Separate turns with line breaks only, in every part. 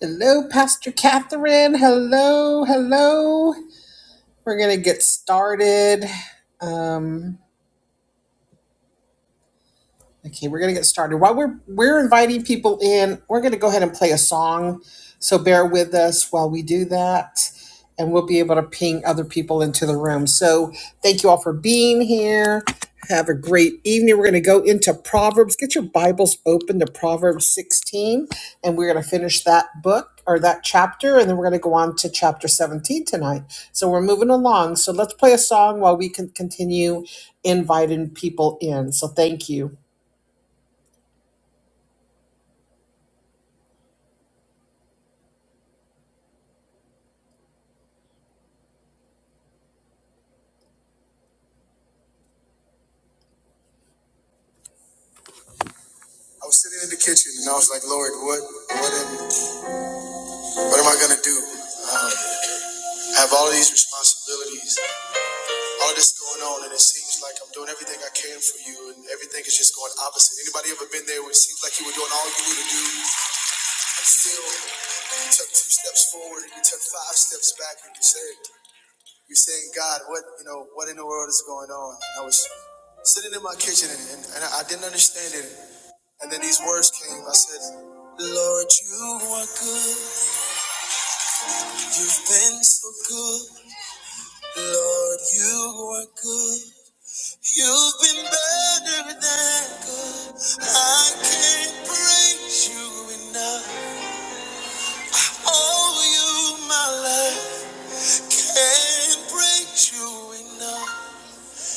Hello, Pastor Catherine. Hello, hello. We're going to get started. Um, Okay, we're gonna get started. While we're we're inviting people in, we're gonna go ahead and play a song. So bear with us while we do that, and we'll be able to ping other people into the room. So thank you all for being here. Have a great evening. We're gonna go into Proverbs. Get your Bibles open to Proverbs 16, and we're gonna finish that book or that chapter, and then we're gonna go on to chapter 17 tonight. So we're moving along. So let's play a song while we can continue inviting people in. So thank you. I was sitting in the kitchen and I was like, Lord, what, what, am, what am I gonna do? Um, I have all these responsibilities, all this going on, and it seems like I'm doing everything I can for you, and everything is just going opposite. Anybody ever been there where it seems like you were doing all you knew to do, and still you took two steps forward and you took five steps back, and you said, you're saying, God, what, you know, what in the world is going on? And I was sitting in my kitchen and, and, and I didn't understand it, and then these words came. I said, Lord, you are good. You've been so good, Lord, you are good. You've been better than good. I can't praise you enough. Oh, you, my life, can't praise you enough.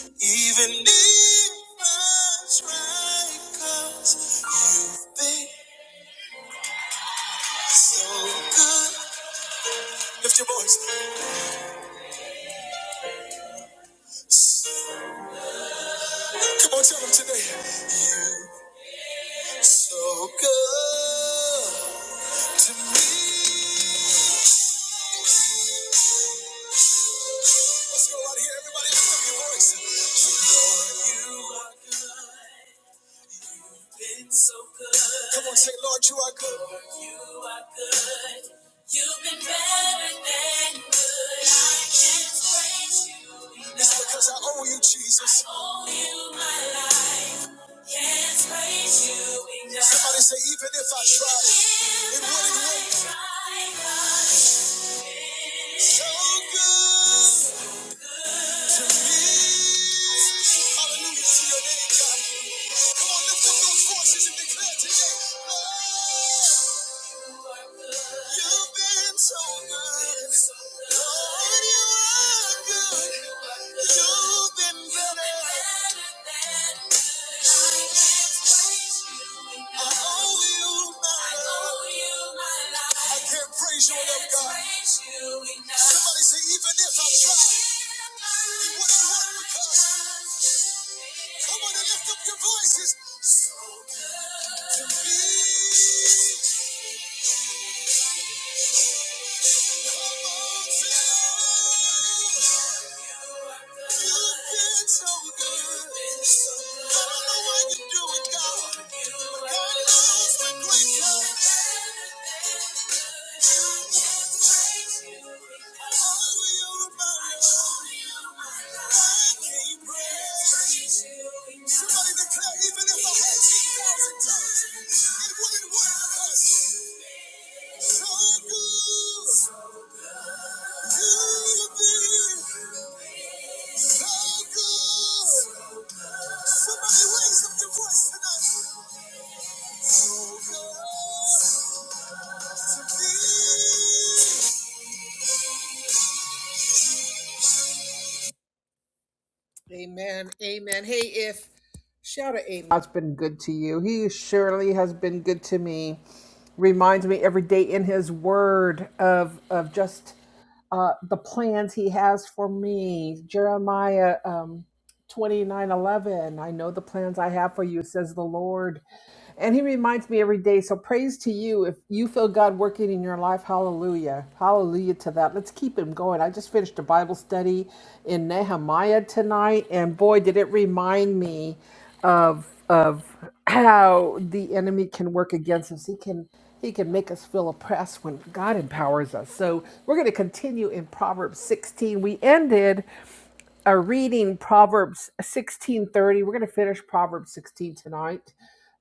Even if I try, you you've been so good. Lift your voice. Come on, tell them today. You so good. to me. Let's go right here, everybody. Lift up your voice. Say, Lord, you are good. Been so good. Come on, say, Lord, you are good. Lord, you are good. You've been better than good. I can't praise you enough. It's because I owe you, Jesus. I owe you my life. Can't praise you enough. Somebody say, even if I tried, it wouldn't work. So good to me. Hallelujah to your name, God. Come on, lift up those voices and declare today. Lord. You've been so good. Lord, you are good. You've been better. I owe you my life. I can't praise you enough, God. Somebody say, even if I tried, it wouldn't work because. Come on and lift up your voices. So good to me. Somebody declare, even if I had 10,000 times, it wouldn't work because Amen. Amen. Hey, if shout out Amen. God's been good to you. He surely has been good to me. Reminds me every day in His Word of of just uh, the plans He has for me. Jeremiah um, twenty nine eleven. I know the plans I have for you, says the Lord. And he reminds me every day. So praise to you if you feel God working in your life. Hallelujah. Hallelujah to that. Let's keep him going. I just finished a Bible study in Nehemiah tonight and boy did it remind me of of how the enemy can work against us. He can he can make us feel oppressed when God empowers us. So we're going to continue in Proverbs 16. We ended our reading Proverbs 16:30. We're going to finish Proverbs 16 tonight.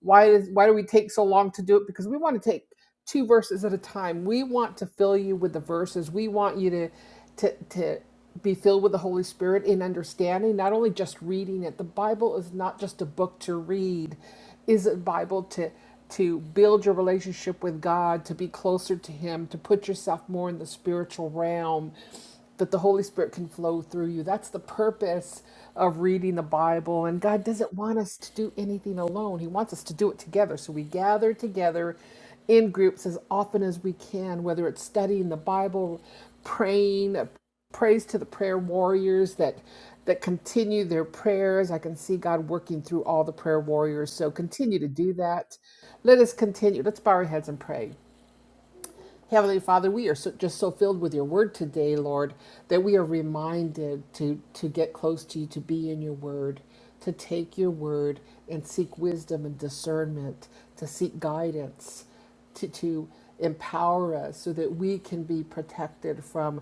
Why does why do we take so long to do it? Because we want to take two verses at a time. We want to fill you with the verses. We want you to to to be filled with the Holy Spirit in understanding, not only just reading it. The Bible is not just a book to read. Is a Bible to to build your relationship with God, to be closer to him, to put yourself more in the spiritual realm, that the Holy Spirit can flow through you. That's the purpose of reading the Bible. And God doesn't want us to do anything alone, He wants us to do it together. So we gather together in groups as often as we can, whether it's studying the Bible, praying, praise to the prayer warriors that that continue their prayers. I can see God working through all the prayer warriors. So continue to do that. Let us continue. Let's bow our heads and pray. Heavenly Father, we are so, just so filled with your word today, Lord, that we are reminded to, to get close to you, to be in your word, to take your word and seek wisdom and discernment, to seek guidance, to, to empower us so that we can be protected from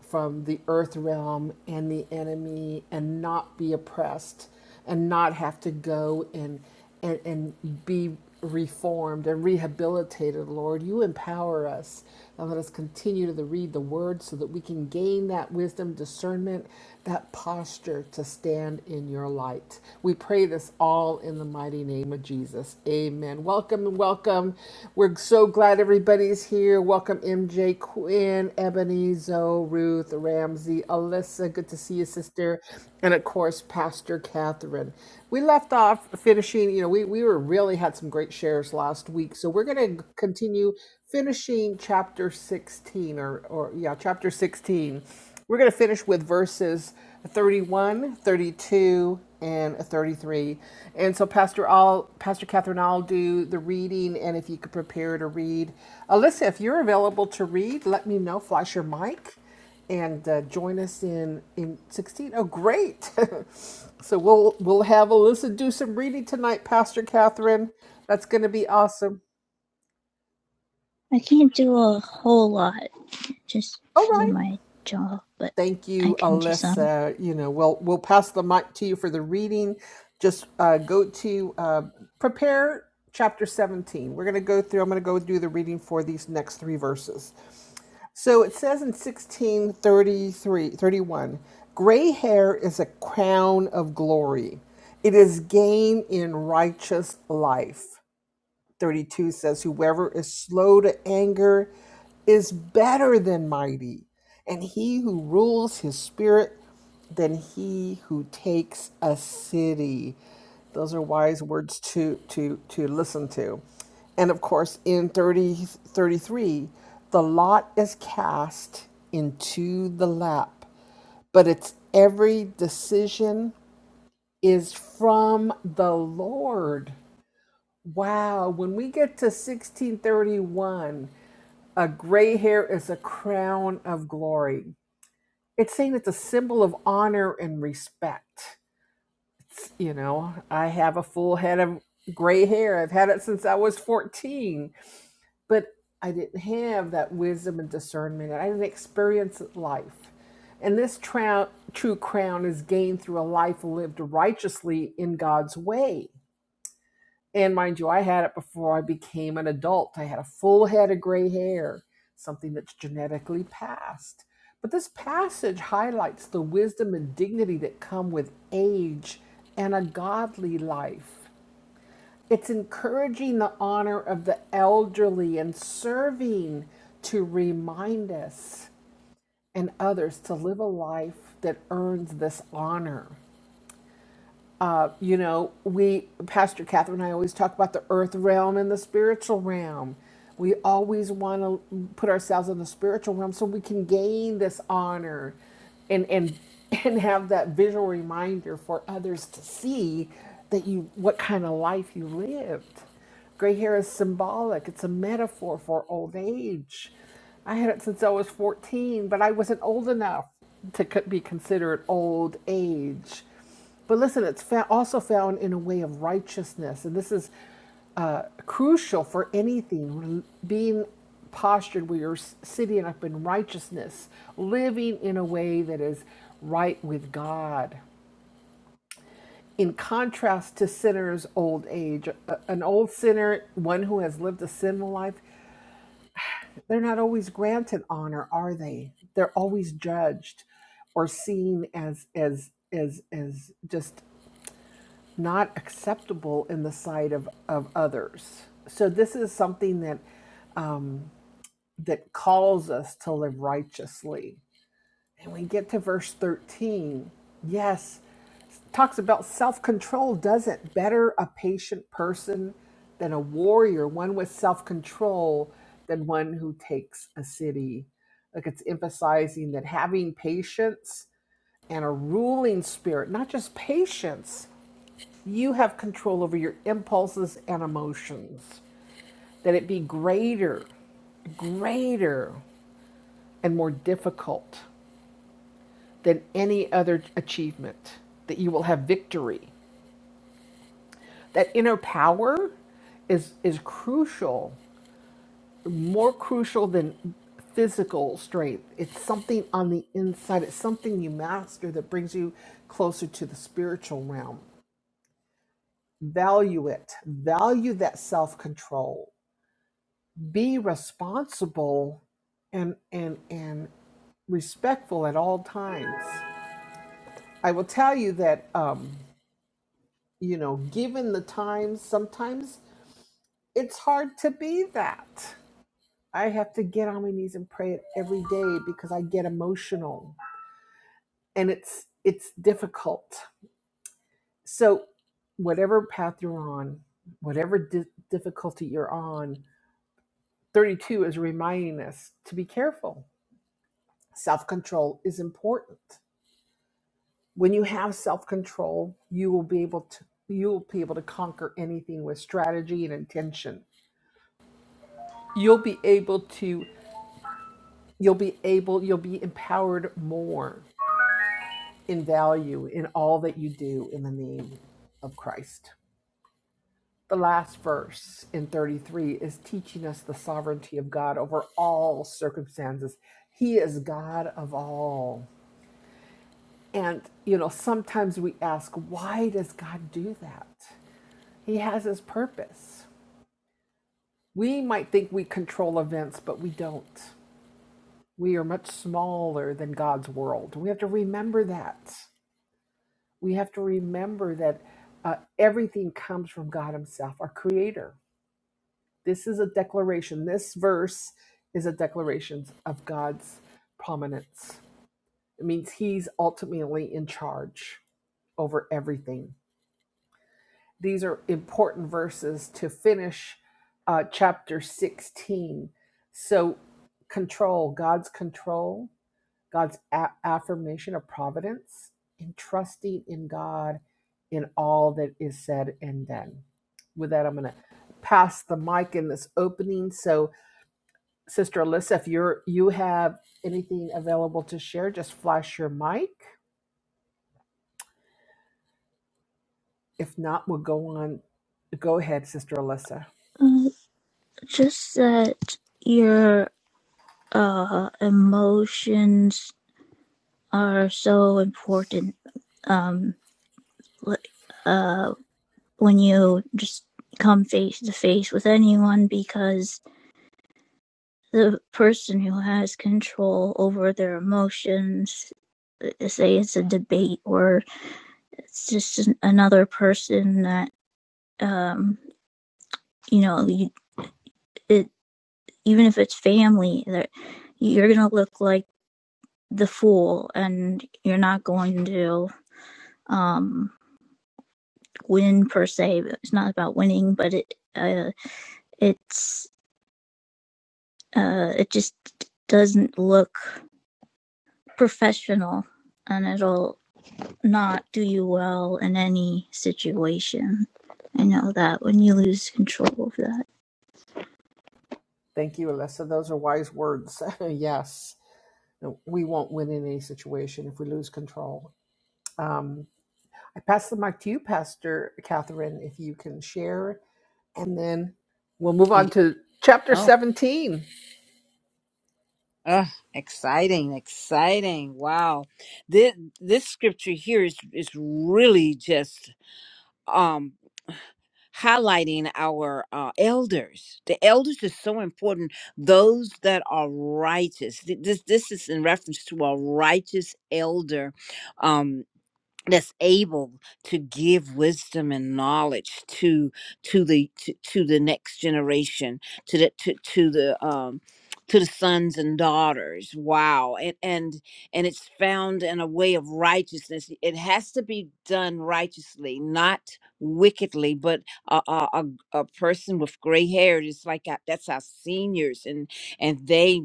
from the earth realm and the enemy and not be oppressed and not have to go and and, and be reformed and rehabilitated, Lord. You empower us. And let us continue to read the word so that we can gain that wisdom, discernment, that posture to stand in your light. We pray this all in the mighty name of Jesus. Amen. Welcome and welcome. We're so glad everybody Everybody's here. Welcome, MJ, Quinn, Ebony, Zoe, Ruth, Ramsey, Alyssa. Good to see you, sister. And of course, Pastor Catherine. We left off finishing, you know, we, we were really had some great shares last week. So we're going to continue finishing chapter 16 or, or yeah, chapter 16. We're going to finish with verses a 31, thirty-two, and a 33. And so Pastor I'll Pastor Catherine, I'll do the reading, and if you could prepare to read. Alyssa, if you're available to read, let me know. Flash your mic and uh, join us in, in 16. Oh, great. so we'll, we'll have Alyssa do some reading tonight, Pastor Catherine. That's going to be awesome.
I can't do a whole lot just
All
because of
right.
my jaw, but
Thank
I
you,
can do some.
Alyssa. You know, we'll we'll pass the mic to you for the reading. Just uh, go to uh, prepare chapter 17. We're going to go through. I'm going to go do the reading for these next three verses. So it says in 1633 31, gray hair is a crown of glory. It is gain in righteous life. 32 says, Whoever is slow to anger is better than mighty, and he who rules his spirit than he who takes a city. Those are wise words to, to, to listen to. And of course, in 30 33, the lot is cast into the lap, but its every decision is from the Lord. Wow, when we get to 1631, a gray hair is a crown of glory. It's saying it's a symbol of honor and respect. You know, I have a full head of gray hair. I've had it since I was 14, but I didn't have that wisdom and discernment. I didn't experience life. And this trou- true crown is gained through a life lived righteously in God's way. And mind you, I had it before I became an adult. I had a full head of gray hair, something that's genetically passed. But this passage highlights the wisdom and dignity that come with age and a godly life. It's encouraging the honor of the elderly and serving to remind us and others to live a life that earns this honor. Uh, you know, we, Pastor Catherine and I always talk about the earth realm and the spiritual realm. We always want to put ourselves in the spiritual realm so we can gain this honor and, and, and have that visual reminder for others to see that you, what kind of life you lived. Gray hair is symbolic, it's a metaphor for old age. I had it since I was 14, but I wasn't old enough to co- be considered old age. But listen, it's fa- also found in a way of righteousness. And this is uh, crucial for anything being postured where you're sitting up in righteousness, living in a way that is right with God. In contrast to sinners' old age, an old sinner, one who has lived a sinful life, they're not always granted honor, are they? They're always judged or seen as as as as just not acceptable in the sight of, of others. So this is something that that calls us to live righteously. And we get to verse 13. Yes, talks about self-control doesn't better a patient person than a warrior, one with self-control than one who takes a city. Like it's emphasizing that having patience and a ruling spirit, not just patience, you have control over your impulses and emotions, that it be greater, greater, and more difficult than any other achievement, that you will have victory. That inner power is, is crucial, more crucial than physical strength. It's something on the inside, it's something you master that brings you closer to the spiritual realm. Value it, value that self control be responsible and and and respectful at all times. I will tell you that um, you know, given the times, sometimes it's hard to be that. I have to get on my knees and pray every day because I get emotional and it's it's difficult. So whatever path you're on, whatever di- difficulty you're on, 32 is reminding us to be careful. Self-control is important when you have self-control you will be able to you will be able to conquer anything with strategy and intention you'll be able to you'll be able you'll be empowered more in value in all that you do in the name of christ the last verse in 33 is teaching us the sovereignty of god over all circumstances he is god of all and you know sometimes we ask why does god do that he has his purpose We might think we control events, but we don't. We are much smaller than God's world. We have to remember that. We have to remember that uh, everything comes from God Himself, our Creator. This is a declaration. This verse is a declaration of God's prominence. It means He's ultimately in charge over everything. these are important verses to finish uh, chapter 16. So, control, God's control, God's a- affirmation of providence, and trusting in God in all that is said and done. With that, I'm going to pass the mic in this opening. So, Sister Alyssa, if you're you have anything available to share, just flash your mic. If not, we'll go on. Go ahead, Sister Alyssa.
Uh, just that your uh, emotions are so important. Um, like, uh, when you just come face to face with anyone, because the person who has control over their emotions, uh, say it's a debate or it's just another person that um you know you it even if it's family that you're gonna look like the fool and you're not going to um win per se it's not about winning but it uh it's uh it just doesn't look professional and it'll not do you well in any situation i know that when you lose control of that
Thank you, Alyssa. Those are wise words. yes. No, We won't win in any situation if we lose control. Um, I pass the mic to you, Pastor Catherine, if you can share, and then we'll move on
Yeah.
to chapter
Oh,
17.
ugh, exciting, exciting. Wow. This this scripture here is is really just um highlighting our uh, elders. The elders are so important. Those that are righteous. Th- This this is in reference to a righteous elder. um, that's able to give wisdom and knowledge to to the to, to the next generation to the to, to the um to the sons and daughters wow and and and it's found in a way of righteousness it has to be done righteously not wickedly but a a, a, a person with gray hair is like our- that's our seniors and and they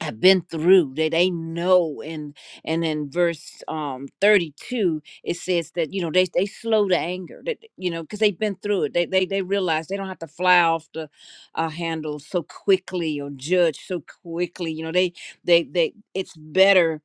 have been through that they know and and in verse um 32 it says that you know they they slow to anger that you know because they've been through it they, they they realize they don't have to fly off the uh, handle so quickly or judge so quickly you know they they they it's better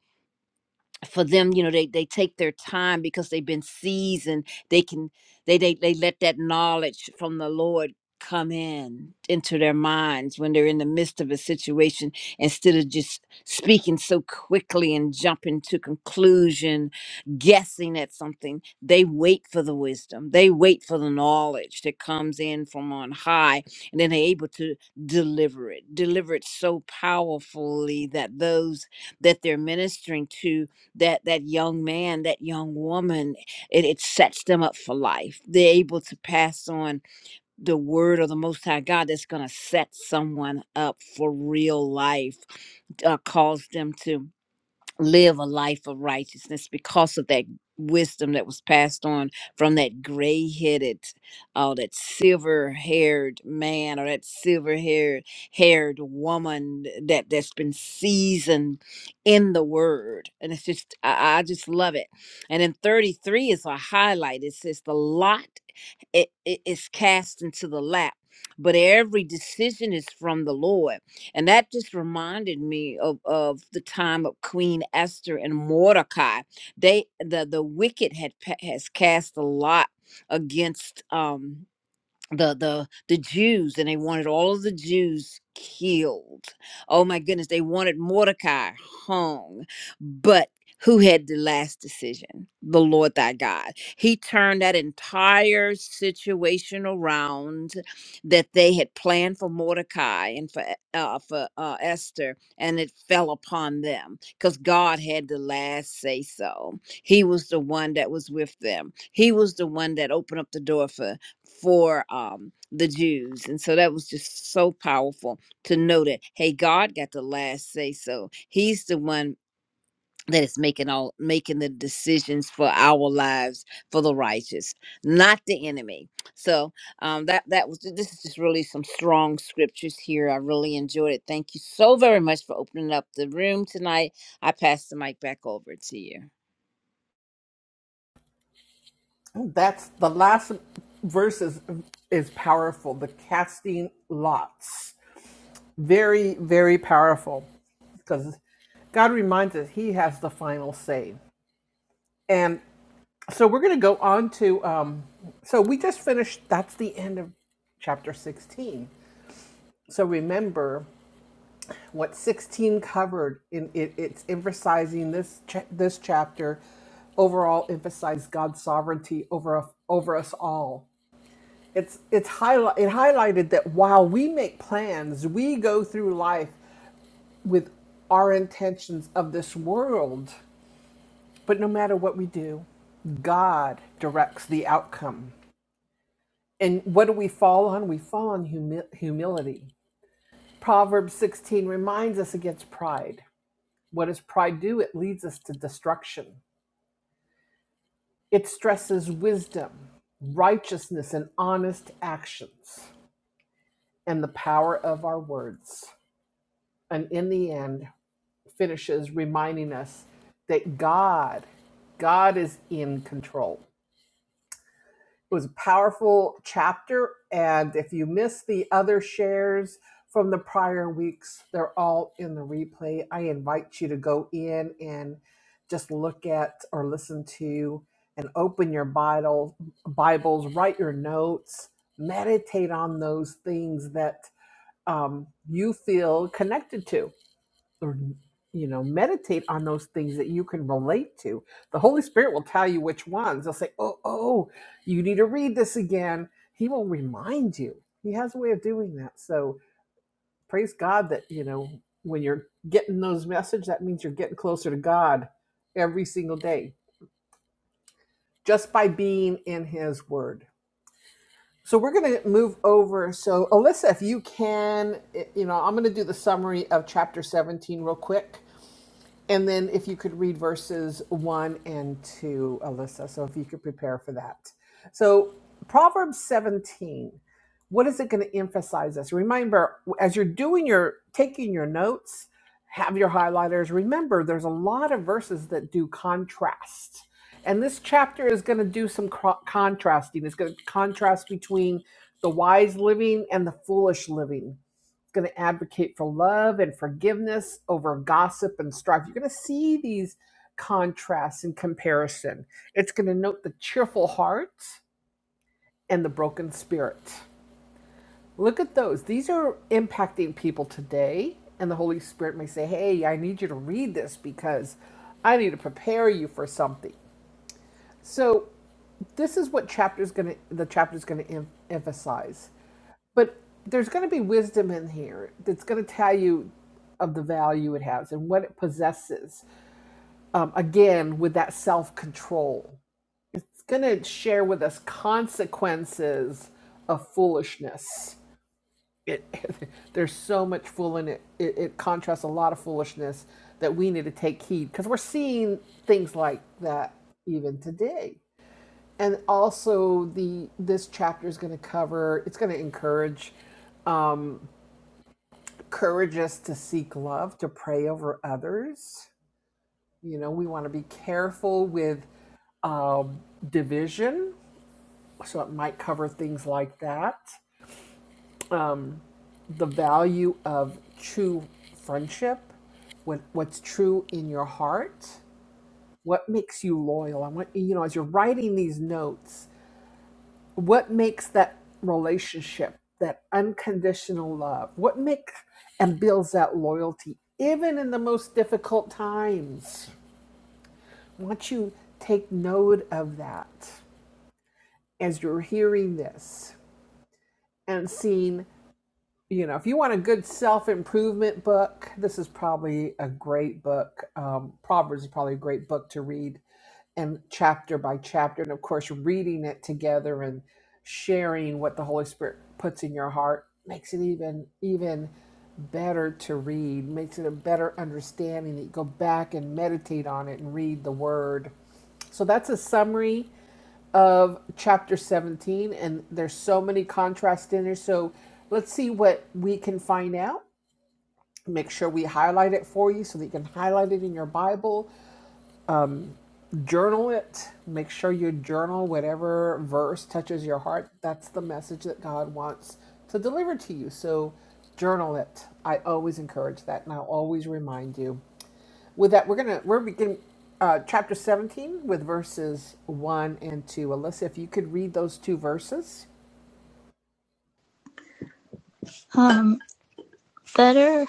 for them you know they they take their time because they've been seasoned they can they they, they let that knowledge from the lord come in into their minds when they're in the midst of a situation instead of just speaking so quickly and jumping to conclusion guessing at something they wait for the wisdom they wait for the knowledge that comes in from on high and then they're able to deliver it deliver it so powerfully that those that they're ministering to that that young man that young woman it, it sets them up for life they're able to pass on the word of the most high god that's going to set someone up for real life uh, cause them to live a life of righteousness because of that wisdom that was passed on from that gray-headed oh that silver-haired man or that silver-haired haired woman that that's been seasoned in the word and it's just I, I just love it and then 33 is a highlight it says the lot it, it is cast into the lap but every decision is from the lord and that just reminded me of, of the time of queen esther and mordecai they the the wicked had pa- has cast a lot against um the the the Jews and they wanted all of the Jews killed. Oh my goodness, they wanted Mordecai hung. But who had the last decision? The Lord thy God. He turned that entire situation around that they had planned for Mordecai and for E- uh, for uh, Esther, and it fell upon them because God had the last say so. He was the one that was with them. He was the one that opened up the door for for um the Jews. And so that was just so powerful to know that hey, God got the last say so. He's the one that is making all making the decisions for our lives for the righteous, not the enemy. So um that that was this is just really some strong scriptures here. I really enjoyed it. Thank you so very much for opening up the room tonight. I pass the mic back over to you.
That's the last verse is, is powerful. The casting lots. Very, very powerful because God reminds us He has the final say. And so we're going to go on to, um, so we just finished, that's the end of chapter 16. So remember what 16 covered in it, it's emphasizing this cha- this chapter overall emphasize God's sovereignty over over us all It's it's highlight it highlighted that while we make plans, we go through life with our intentions of this world, but no matter what we do, God directs the outcome. And what do we fall on? We fall on humi- humility. Proverbs 16 reminds us against pride. What does pride do? It leads us to destruction. It stresses wisdom, righteousness, and honest actions, and the power of our words. And in the end, finishes reminding us that God, God is in control. It was a powerful chapter. And if you missed the other shares from the prior weeks, they're all in the replay. I invite you to go in and just look at or listen to and open your Bible, Bibles, write your notes, meditate on those things that um, you feel connected to or you know meditate on those things that you can relate to the holy spirit will tell you which ones he'll say oh oh you need to read this again he will remind you he has a way of doing that so praise god that you know when you're getting those messages that means you're getting closer to god every single day just by being in his word so we're going to move over so alyssa if you can eh, you know i'm going to do the summary of chapter 17 real quick And then if you could read verses one and two, Alyssa, so if you could prepare for that. So, Proverbs 17, what is it going to emphasize us? Remember, as you're doing your taking your notes, have your highlighters. Remember, there's a lot of verses that do contrast. And this chapter is going to do some cro- contrasting. It's going to contrast between the wise living and the foolish living going to advocate for love and forgiveness over gossip and strife. You're going to see these contrasts and comparison. It's going to note the cheerful heart and the broken spirit. Look at those. These are impacting people today. And the Holy Spirit may say, Hey, I need you to read this because I need to prepare you for something. So, this is what chapter's going to the chapter's going to em- emphasize. But there's going to be wisdom in here that's going to tell you of the value it has and what it possesses. Um, again, with that self control, it's going to share with us consequences of foolishness. It, there's so much fool in it. it. It contrasts a lot of foolishness that we need to take heed because we're seeing things like that even today. And also, the this chapter is going to cover. It's going to encourage um, Encourage us to seek love, to pray over others. You know, we want to be careful with um, division. So it might cover things like that. The value of true friendship, what, what's true in your heart, what makes you loyal. I want, you know, as you're writing these notes, what makes that relationship, that unconditional love, what makes and builds that loyalty, even in the most difficult times I want you to take note of that as you're hearing this and seeing, you know, if you want a good self improvement book, this is probably a great book. Um, Proverbs is probably a great book to read and chapter by chapter. And of course, reading it together and sharing what the Holy Spirit puts in your heart makes it even, even better to read, makes it a better understanding that you go back and meditate on it and read the word. So that's a summary of chapter 17, and there's so many contrasts in there. So let's see what we can find out. Make sure we highlight it for you so that you can highlight it in your Bible. Journal it. Make sure you journal whatever verse touches your heart. That's the message that God wants to deliver to you. So journal it. I always encourage that, and I'll always remind you with that we're gonna we're beginning uh, chapter 17 with verses 1 and 2 alyssa if you could read those two verses
Um, Better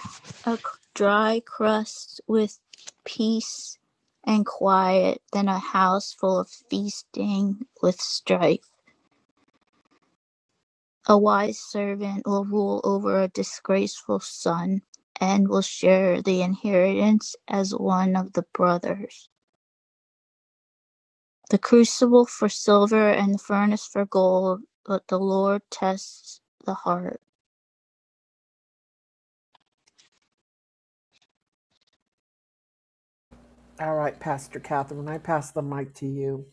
a dry crust with peace and quiet than a house full of feasting with strife. A wise servant will rule over a disgraceful son and will share the inheritance as one of the brothers. The crucible for silver and the furnace for gold, but the Lord tests the heart.
All right, Pastor Catherine, I pass the mic to you.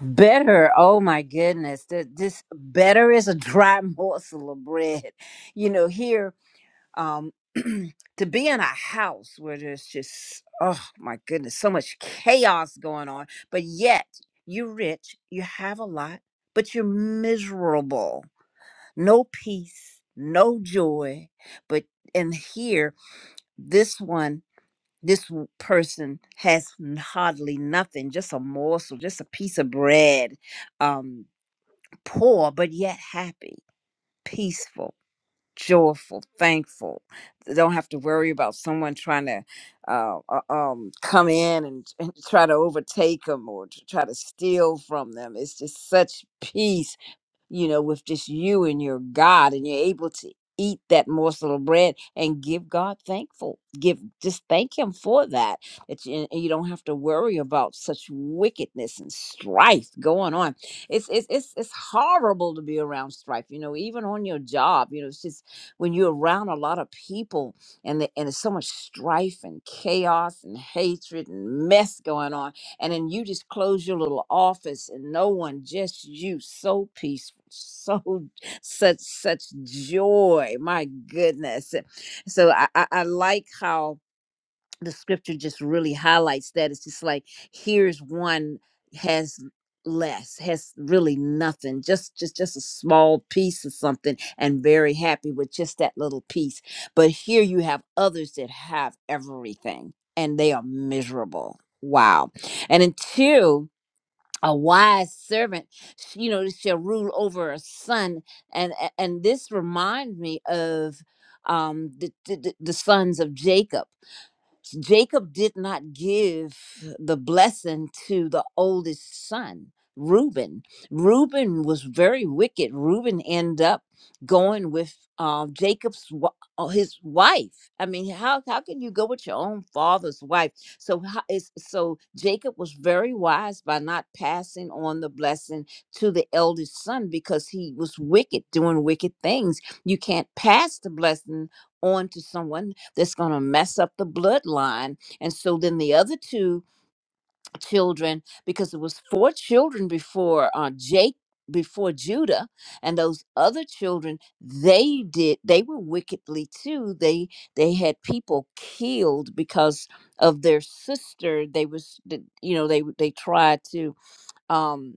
Better, oh my goodness. Th- This better is a dry morsel of bread. You know, here, um, to be in a house where there's just, oh my goodness, so much chaos going on, but yet you're rich, you have a lot, but you're miserable. No peace, no joy. But in here, this one, this w- person has n- hardly nothing, just a morsel, just a piece of bread. Um, poor but yet happy, peaceful, joyful, thankful. They don't have to worry about someone trying to uh, uh, um, come in and, and try to overtake them or to try to steal from them. It's just such peace you know, with just you and your God, and you're able to eat that morsel of bread and give God thankful. Give just thank Him for that. It's, and and you don't have to worry about such wickedness and strife going on. It's it's it's it's horrible to be around strife. You know, even on your job. You know, it's just when you're around a lot of people and the, and there's so much strife and chaos and hatred and mess going on and then you just close your little office and no one just you so peaceful so such such joy my goodness so i i, I like how the scripture just really highlights that it's just like here's one has less has really nothing just just just a small piece of something and very happy with just that little piece but here you have others that have everything and they are miserable wow and until a wise servant sh- you know shall rule over a son and a- and this reminds me of um the the, the the sons of jacob Jacob did not give the blessing to the oldest son, Reuben. Reuben was very wicked. Reuben ended up going with uh, Jacob's wa- uh, his wife. I mean, how how can you go with your own father's wife? So how is so Jacob was very wise by not passing on the blessing to the eldest son because he was wicked, doing wicked things. You can't pass the blessing on to someone that's going to mess up the bloodline. And so then the other two children, because it was four children before uh, Jake, before Judah, and those other children, they did they were wickedly too. They they had people killed because of their sister. They was th- you know they they tried to. Um,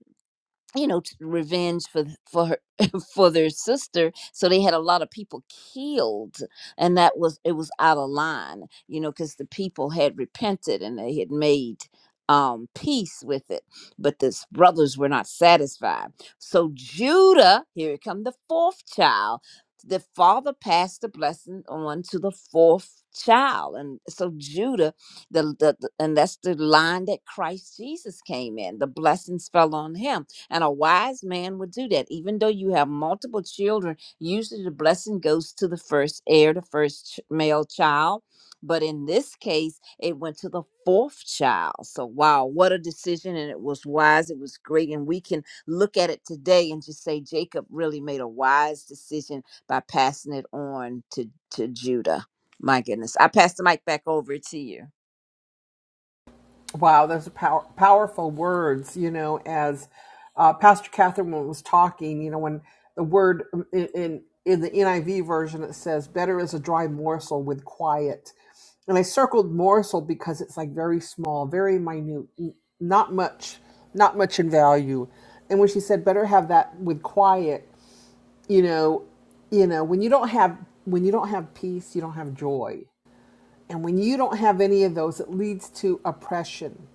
you know t- revenge for th- for her, for their sister so they had a lot of people killed and that was it was out of line you know because the people had repented and they had made um peace with it but the brothers were not satisfied so judah here come the fourth child the father passed the blessing on to the fourth child and so judah the, the the- and that's the line that christ jesus came in the blessings fell on him and a wise man would do that. Even though you have multiple children, usually the blessing goes to the first heir, the first ch- male child. But in this case, it went to the fourth child. So, wow, what a decision. And it was wise. It was great. And we can look at it today and just say Jacob really made a wise decision by passing it on to, to Judah. My goodness. I pass the mic back over to you.
Wow, those are power, powerful words. You know, as uh, Pastor Catherine was talking, you know, when the word um, in, in in the NIV version it says, "Better is a dry morsel with quiet," and I circled morsel because it's like very small, very minute, n- not much, not much in value. And when she said, "Better have that with quiet," you know, you know, when you don't have when you don't have peace, you don't have joy And when you don't have any of those, it leads to oppression.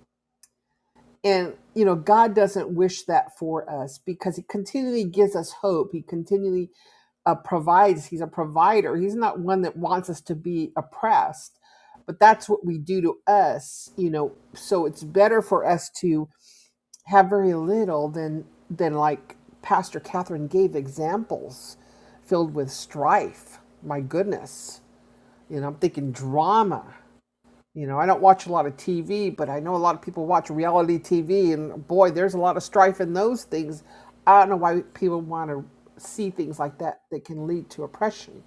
And, you know, God doesn't wish that for us because He continually gives us hope. He continually uh, provides. He's a provider. He's not one that wants us to be oppressed, but that's what we do to us, you know. So it's better for us to have very little than, than like Pastor Catherine gave examples filled with strife. My goodness. You know, I'm thinking drama. You know, I don't watch a lot of TV, but I know a lot of people watch reality TV, and boy, there's a lot of strife in those things. I don't know why people want to see things like that that can lead to oppression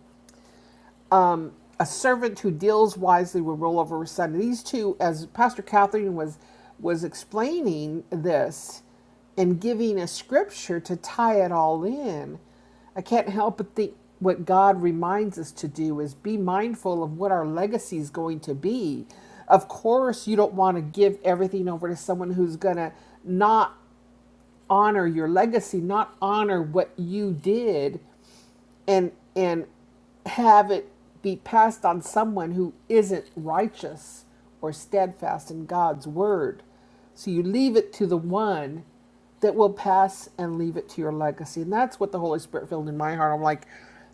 a servant who deals wisely will rule over his son. These two, as Pastor Catherine was was explaining this and giving a scripture to tie it all in, I can't help but think what God reminds us to do is be mindful of what our legacy is going to be. Of course, you don't want to give everything over to someone who's going to not honor your legacy, not honor what you did and and have it be passed on someone who isn't righteous or steadfast in God's word. So you leave it to the one that will pass and leave it to your legacy. And that's what the Holy Spirit filled in my heart. I'm like,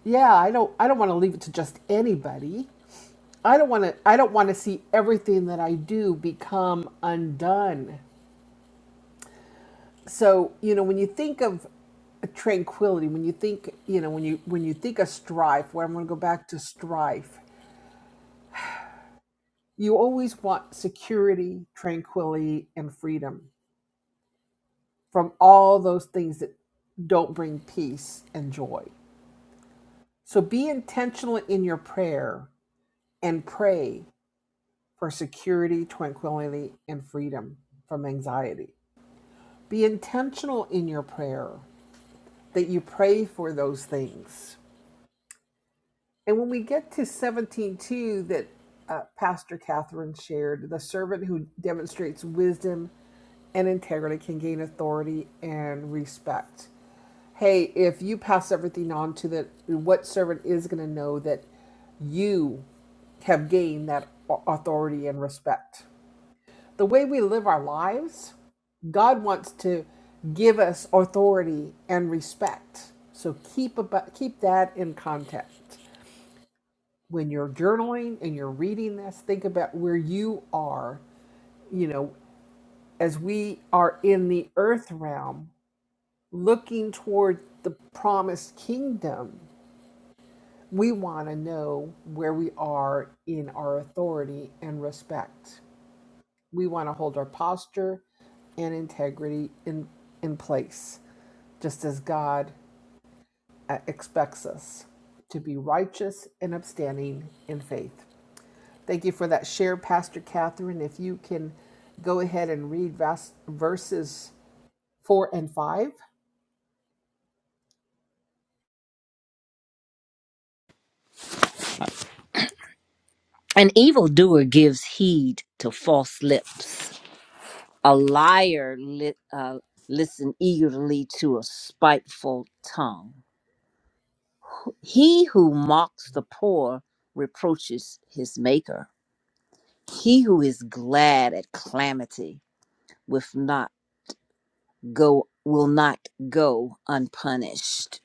yeah, I don't I don't want to leave it to just anybody. I don't want to I don't want to see everything that I do become undone so you know when you think of tranquility when you think you know when you when you think of strife where i'm going to go back to strife you always want security tranquility and freedom from all those things that don't bring peace and joy so be intentional in your prayer and pray for security tranquility and freedom from anxiety be intentional in your prayer that you pray for those things And when we get to 17.2 that uh, Pastor Catherine shared, the servant who demonstrates wisdom and integrity can gain authority and respect. Hey, if you pass everything on to the, what servant is going to know that you have gained that authority and respect? The way we live our lives, God wants to give us authority and respect. So keep about, keep that in context when you're journaling and you're reading this, think about where you are, you know, as we are in the earth realm, looking toward the promised kingdom. We want to know where we are in our authority and respect. We want to hold our posture and integrity in, in place, just as God uh, expects us to be righteous and upstanding in faith. Thank you for that share, Pastor Catherine. If you can go ahead and read vas- verses four and five.
An evildoer gives heed to false lips. A liar li- uh, listen eagerly to a spiteful tongue. He who mocks the poor reproaches his maker. He who is glad at calamity with not go will not go unpunished.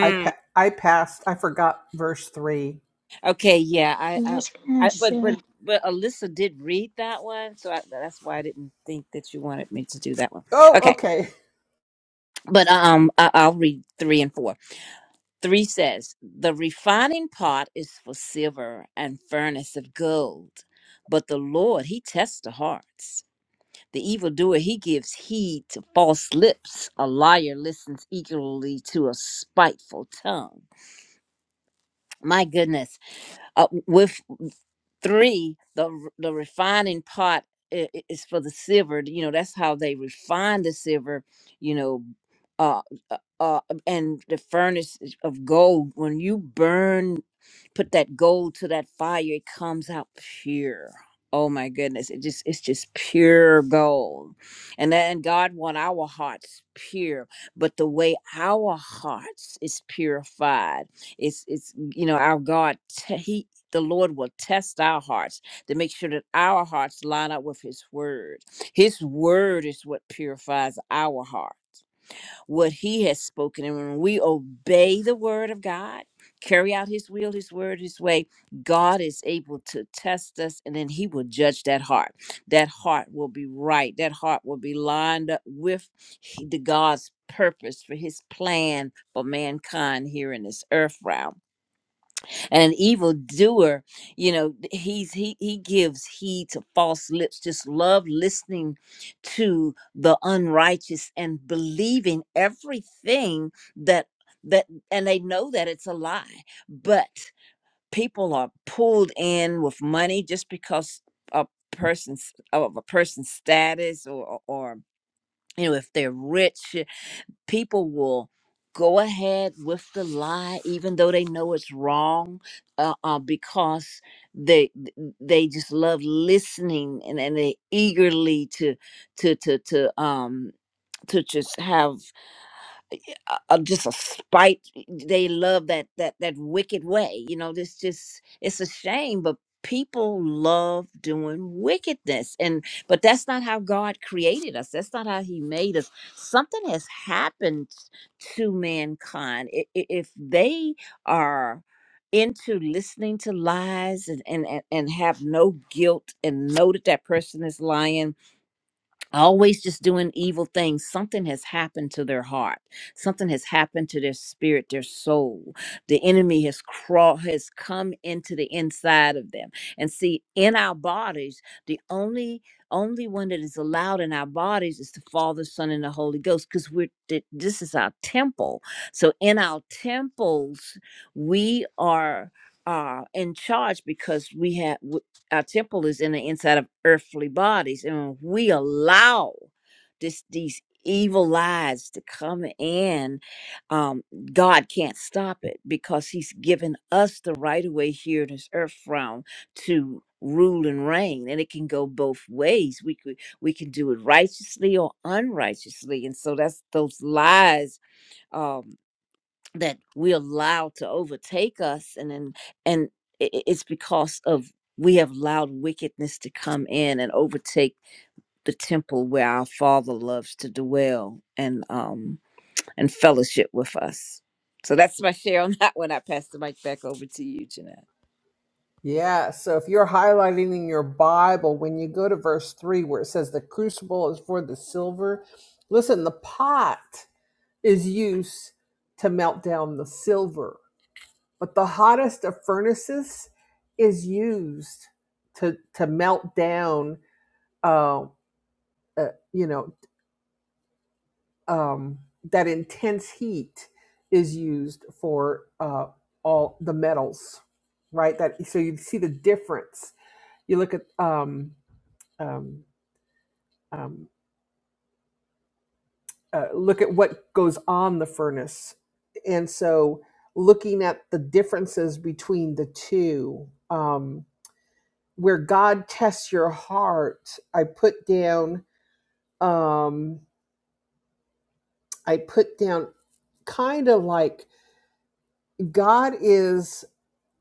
I, pa- I passed, I forgot verse three.
Okay, yeah, I,
So
I,
That's gonna
I, but but
say
but Alyssa did read that one, so I, that's why I didn't think that you wanted me to do that one.
Oh,
Okay,
okay.
but um, I, I'll read three and four. 3 says, The refining pot is for silver and furnace of gold, but the Lord, He tests the hearts. The evildoer, He gives heed to false lips. A liar listens eagerly to a spiteful tongue. My goodness. Uh, with 3, the, r- the refining pot i- i- is for the silver. You know, that's how they refine the silver, you know. Uh, uh, uh, and the furnace is of gold, when you burn put that gold to that fire, it comes out pure. Oh my goodness, it just it's just pure gold. And then God want our hearts pure, but the way our hearts is purified, it's it's you know, our God te- he the Lord will test our hearts to make sure that our hearts line up with his word. His word is what purifies our heart what he has spoken. And when we obey the word of God, carry out his will, his word, his way, God is able to test us and then he will judge that heart. That heart will be right. That heart will be lined up with he- the God's purpose for his plan for mankind here in this earth realm and an evildoer you know he's he he gives heed to false lips just love listening to the unrighteous and believing everything that that and they know that it's a lie but people are pulled in with money just because a person's of a person's status or or you know if they're rich people will go ahead with the lie even though they know it's wrong uh, uh, because they they just love listening and, and they eagerly to to to to um to just have uh, uh, just a spite they love that that that wicked way you know this just it's a shame but people love doing wickedness and but that's not how god created us that's not how he made us something has happened to mankind I- i- if they are into listening to lies and and and and have no guilt and know that that person is lying always just doing evil things something has happened to their heart something has happened to their spirit their soul the enemy has crawled has come into the inside of them and see in our bodies the only only one that is allowed in our bodies is the father son and the holy ghost because we're th- this is our temple so in our temples we are uh, in charge because we have our temple is in the inside of earthly bodies and when we allow this these evil lies to come in um god can't stop it because he's given us the right of way here in this earth realm to rule and reign and it can go both ways we could we can do it righteously or unrighteously and so that's those lies um that we allow to overtake us and and, and i- i- it's because of we have allowed wickedness to come in and overtake the temple where our father loves to dwell and um and fellowship with us so that's my share on that one i pass the mic back over to you jeanette
Yeah, so if you're highlighting in your Bible, when you go to verse three where it says the crucible is for the silver, listen, the pot is used to melt down the silver, but the hottest of furnaces is used to, to melt down. uh, uh, you know um, that intense heat is used for uh, all the metals right that so you see the difference you look at um, um, um, uh, look at what goes on the furnace and so looking at the differences between the two um, where god tests your heart i put down um, i put down kind of like God is.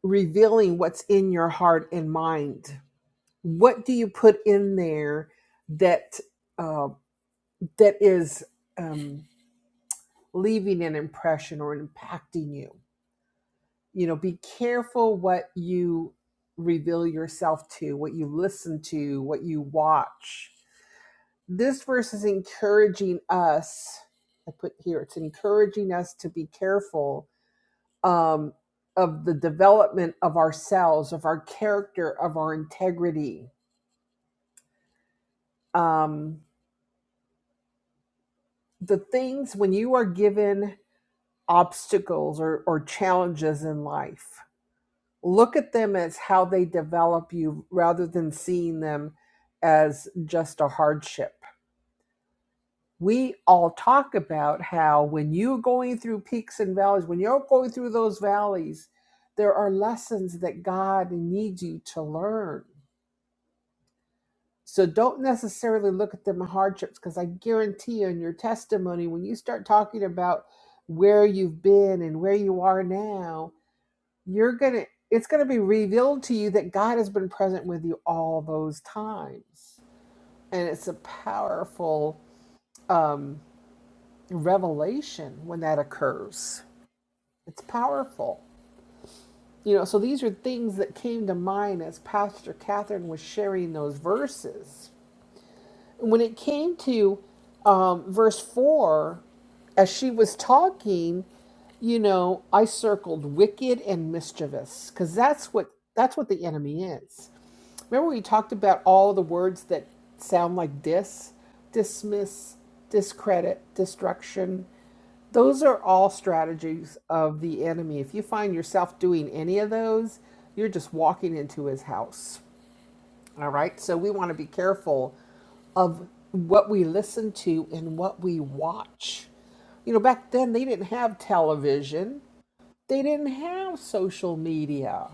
revealing what's in your heart and mind. What do you put in there that uh, that is um, leaving an impression or impacting you? You know, be careful what you reveal yourself to, what you listen to, what you watch. This verse is encouraging us. I put here it's encouraging us to be careful um, of the development of ourselves, of our character, of our integrity um, the things when you are given obstacles or, or challenges in life, look at them as how they develop you rather than seeing them as just a hardship. We all talk about how when you're going through peaks and valleys, when you're going through those valleys, there are lessons that God needs you to learn So don't necessarily look at them as hardships because I guarantee you in your testimony, when you start talking about where you've been and where you are now, you're gonna it's gonna be revealed to you that God has been present with you all those times. And it's a powerful um, revelation when that occurs. It's powerful. You know, so these are things that came to mind as Pastor Catherine was sharing those verses when it came to um, verse 4, as she was talking, you know, I circled wicked and mischievous because that's what that's what the enemy is. Remember we talked about all the words that sound like dis, dismiss, discredit, destruction. Those are all strategies of the enemy. If you find yourself doing any of those, you're just walking into his house. All right. So we want to be careful of what we listen to and what we watch. You know, back then they didn't have television, they didn't have social media.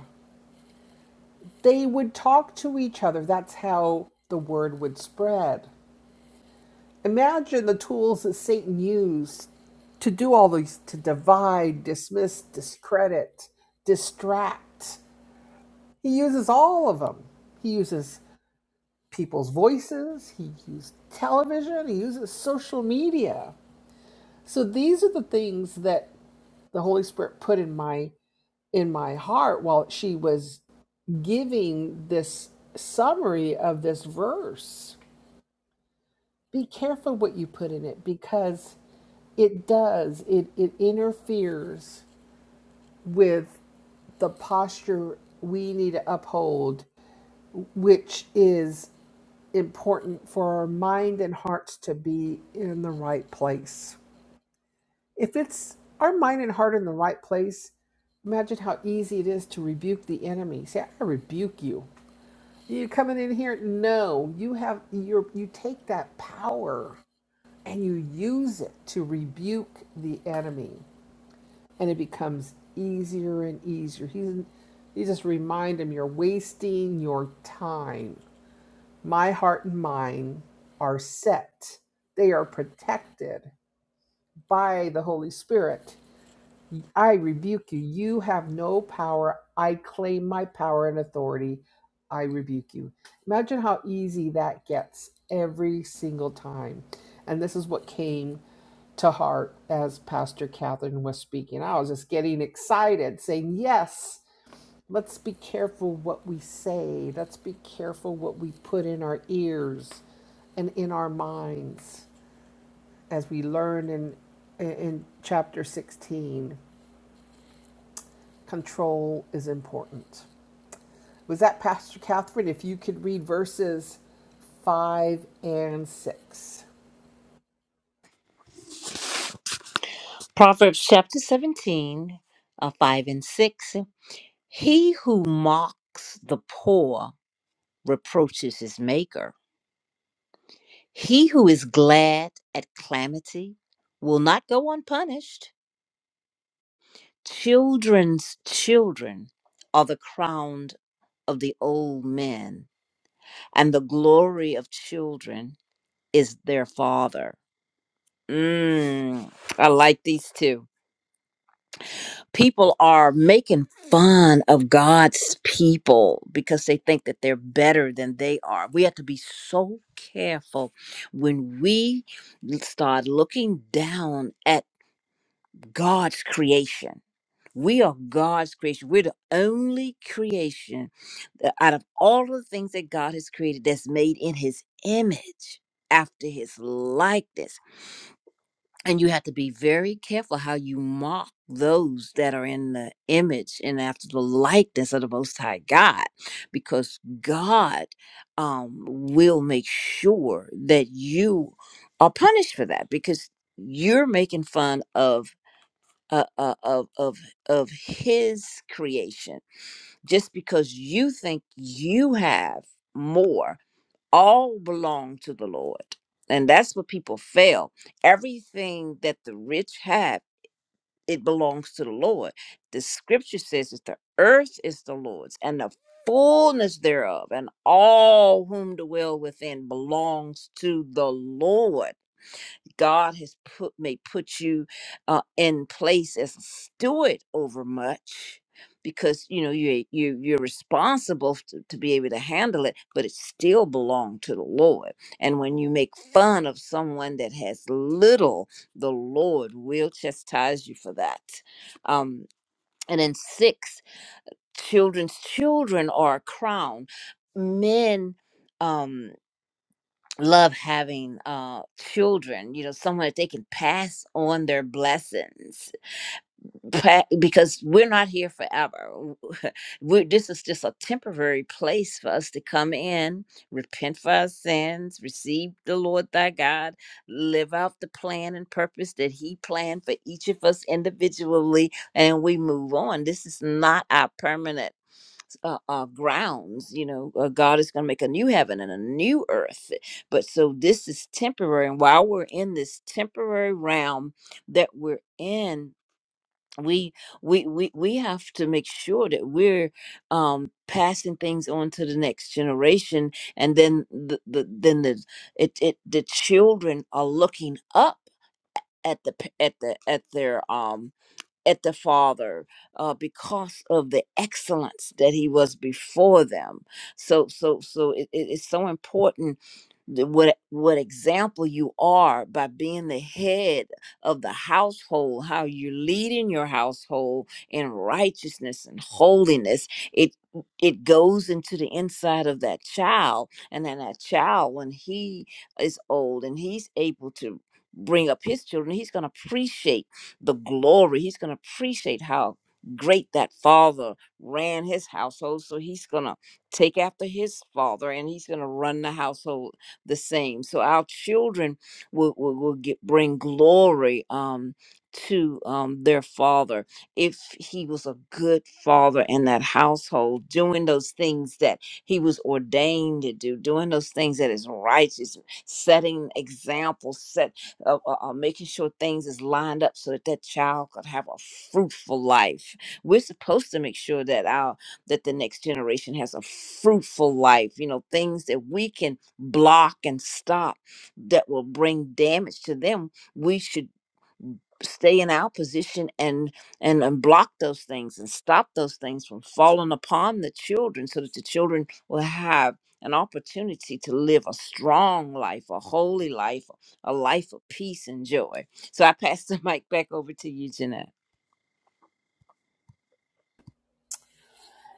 They would talk to each other. That's how the word would spread. Imagine the tools that Satan used to do all these to divide, dismiss, discredit, distract. He uses all of them. He uses people's voices, he uses television, he uses social media So these are the things that the Holy Spirit put in my in my heart while she was giving this summary of this verse. Be careful what you put in it because it does it it interferes with the posture we need to uphold, which is important for our mind and hearts to be in the right place. If it's our mind and heart in the right place, imagine how easy it is to rebuke the enemy. Say, I rebuke you. You coming in here? No, you have your you take that power and you use it to rebuke the enemy, and it becomes easier and easier. He's you just remind him you're wasting your time. My heart and mind are set. They are protected by the Holy Spirit I rebuke you. You have no power. I claim my power and authority. I rebuke you. Imagine how easy that gets every single time. And this is what came to heart as Pastor Catherine was speaking. I was just getting excited, saying, Yes, let's be careful what we say. Let's be careful what we put in our ears and in our minds as we learn in, in chapter 16 control is important. Was that Pastor Catherine? If you could read verses five and six.
Proverbs chapter 17, uh, 5 and 6. He who mocks the poor reproaches his maker. He who is glad at calamity will not go unpunished. Children's children are the crown of the old men, and the glory of children is their father. Mm, I like these two. people are making fun of God's people because they think that they're better than they are. We have to be so careful when we start looking down at God's creation. We are God's creation. We're the only creation that out of all of the things that God has created that's made in his image after his likeness and you have to be very careful how you mock those that are in the image and after the likeness of the most high god because god um, will make sure that you are punished for that because you're making fun of uh, uh, of of of his creation just because you think you have more all belong to the Lord. And that's what people fail. Everything that the rich have, it belongs to the Lord. The scripture says that the earth is the Lord's and the fullness thereof, and all whom dwell within belongs to the Lord. God has put may put you uh, in place as a steward over much because you know you you you're responsible to, to be able to handle it but it still belongs to the Lord and when you make fun of someone that has little the Lord will chastise you for that um and then six children's children are a crown men Um, love having uh children you know someone that they can pass on their blessings pa- because we're not here forever we this is just a temporary place for us to come in repent for our sins receive the lord thy god live out the plan and purpose that he planned for each of us individually and we move on this is not our permanent uh, uh, grounds. You know, uh, God is going to make a new heaven and a new earth. But so this is temporary, and while we're in this temporary realm that we're in, we we we we have to make sure that we're um passing things on to the next generation and then the, the then the it, it the children are looking up at the pa- at the at their um at the Father uh, because of the excellence that he was before them. So, so, so it, it- it's so important that what what example you are by being the head of the household, how you're leading your household in righteousness and holiness. It it goes into the inside of that child, and then that child, when he is old and he's able to bring up his children, he's going to appreciate the glory. He's going to appreciate how great that father ran his household. So he's going to take after his father and he's going to run the household the same. So our children will, will, will get, bring glory um, to um, their father if he was a good father in that household, doing those things that he was ordained to do, doing those things that is righteous, setting examples, set of uh, uh, making sure things is lined up so that that child could have a fruitful life. We're supposed to make sure that our that the next generation has a fruitful life. You know, things that we can block and stop that will bring damage to them. We should stay in our position and and and block those things and stop those things from falling upon the children so that the children will have an opportunity to live a strong life a holy life a life of peace and joy so i pass the mic back over to you jeanette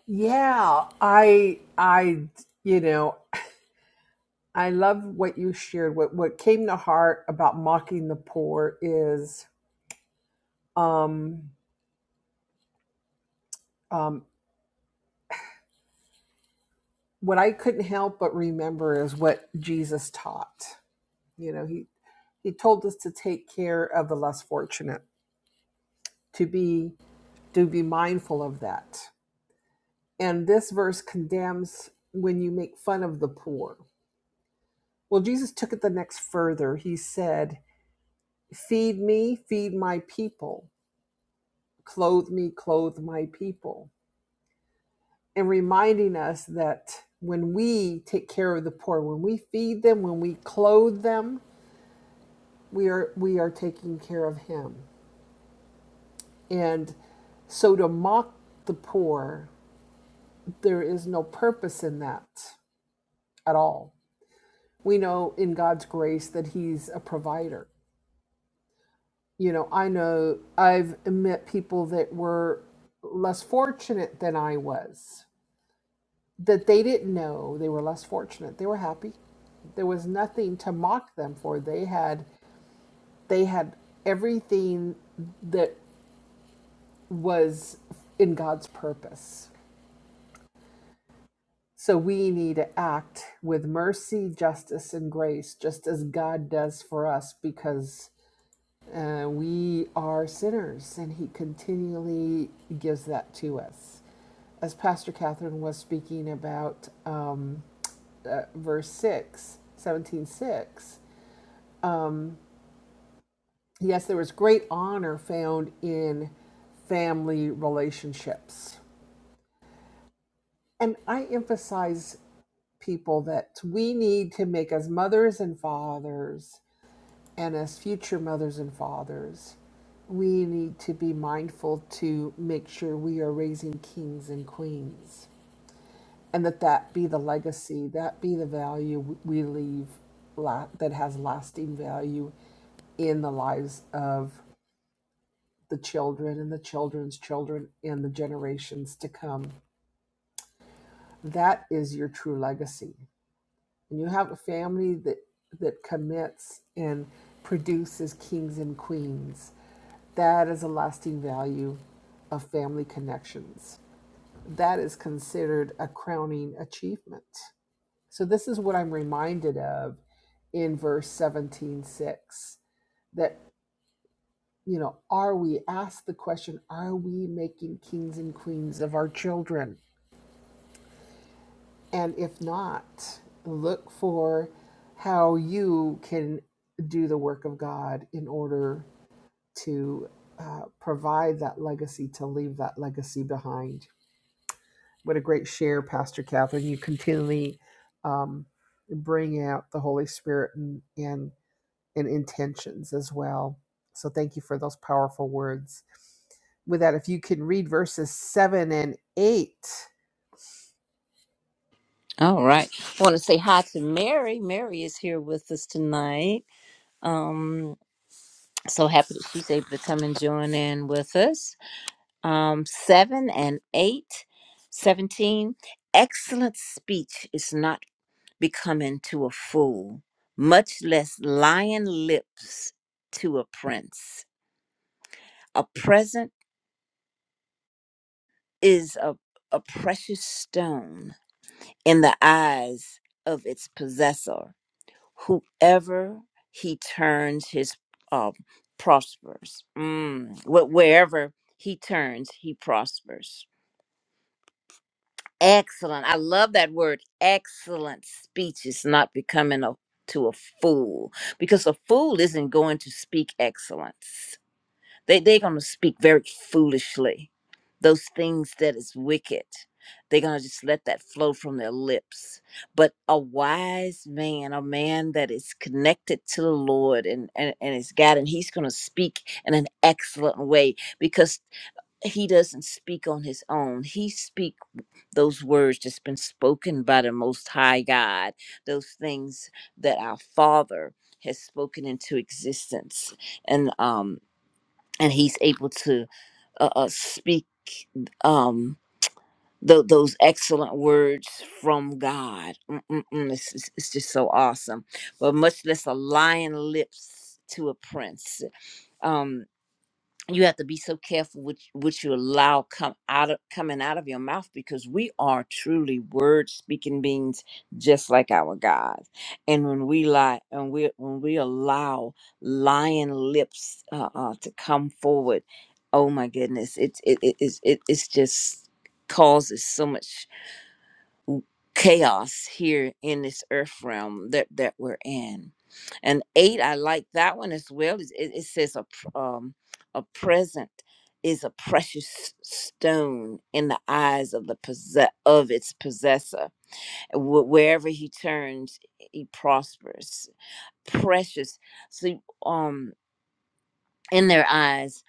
Yeah, I I you know, I love what you shared. What what came to heart about mocking the poor is um um what I couldn't help but remember is what Jesus taught. You know, he he told us to take care of the less fortunate, to be to be mindful of that. And this verse condemns when you make fun of the poor. Well, Jesus took it the next further. He said, Feed me, feed my people. Clothe me, clothe my people. And reminding us that when we take care of the poor, when we feed them, when we clothe them, we are we are taking care of him. And so to mock the poor, there is no purpose in that at all. We know in God's grace that He's a provider. you know, I know I've met people that were less fortunate than I was, that they didn't know they were less fortunate. They were happy. There was nothing to mock them for. They had they had everything that was in God's purpose. So we need to act with mercy, justice, and grace, just as God does for us, because uh, we are sinners, and He continually gives that to us. as Pastor Catherine was speaking about um, uh, verse 6, seventeen six, um, yes, there was great honor found in family relationships. And I emphasize people that we need to make as mothers and fathers and as future mothers and fathers, we need to be mindful to make sure we are raising kings and queens and that that be the legacy, that be the value we leave la- that has lasting value in the lives of the children and the children's children and the generations to come. That is your true legacy. And you have a family that that commits and produces kings and queens. That is a lasting value of family connections. That is considered a crowning achievement So this is what I'm reminded of in verse 17 6. that you know are we ask the question are we making kings and queens of our children and if not look for how you can do the work of god in order to uh, provide that legacy to leave that legacy behind what a great share pastor catherine you continually um, bring out the holy spirit and, and and intentions as well. So thank you for those powerful words. With that, if you can read verses seven and eight.
all right i want to say hi to mary mary is here with us tonight um so happy that she's able to come and join in with us um, 7 and 8, 17. Excellent speech is not becoming to a fool, much less lying lips to a prince. A present is a, a precious stone in the eyes of its possessor. Whoever he turns his um, prospers. Mm. Wh- Wherever he turns, he prospers. excellent i love that word excellent speech is not becoming a to a fool because a fool isn't going to speak excellence they, they're going to speak very foolishly those things that is wicked they're going to just let that flow from their lips but a wise man a man that is connected to the lord and and, and is god and he's going to speak in an excellent way because he doesn't speak on his own he speak those words that's been spoken by the most high god those things that our father has spoken into existence and um and he's able to uh, uh speak um th- those excellent words from god Mm-mm-mm, it's, it's it's just so awesome but much less a lion lips to a prince Um you have to be so careful with what you allow come out of coming out of your mouth because we are truly word speaking beings just like our God. And when we lie and we when we allow lying lips uh, uh, to come forward, oh my goodness, it's it it is it, it's just causes so much chaos here in this earth realm that that we're in and eight i like that one as well it, it it says a pr- um a present is a precious stone in the eyes of the possess of its possessor Wh- wherever he turns he prospers precious see um in their eyes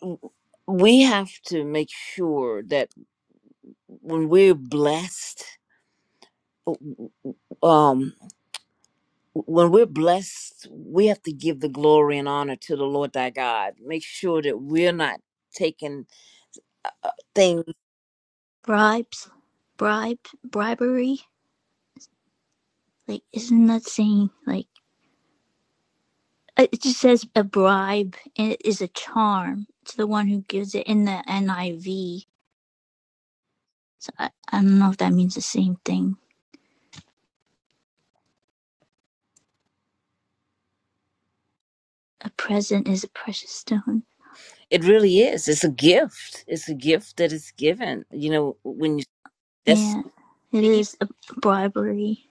w- we have to make sure that when we're blessed w- w- um. when we're blessed, we have to give the glory and honor to the Lord thy God. Make sure that we're not taking uh, things.
bribes, bribe, bribery Like, isn't that saying like uh, it just says a bribe and it is a charm to the one who gives it in the NIV. So I, I don't know if that means the same thing. A present is a precious stone.
It really is. It's a gift. It's a gift that is given. You know, when you that's
Yeah, it
received,
is a bribery.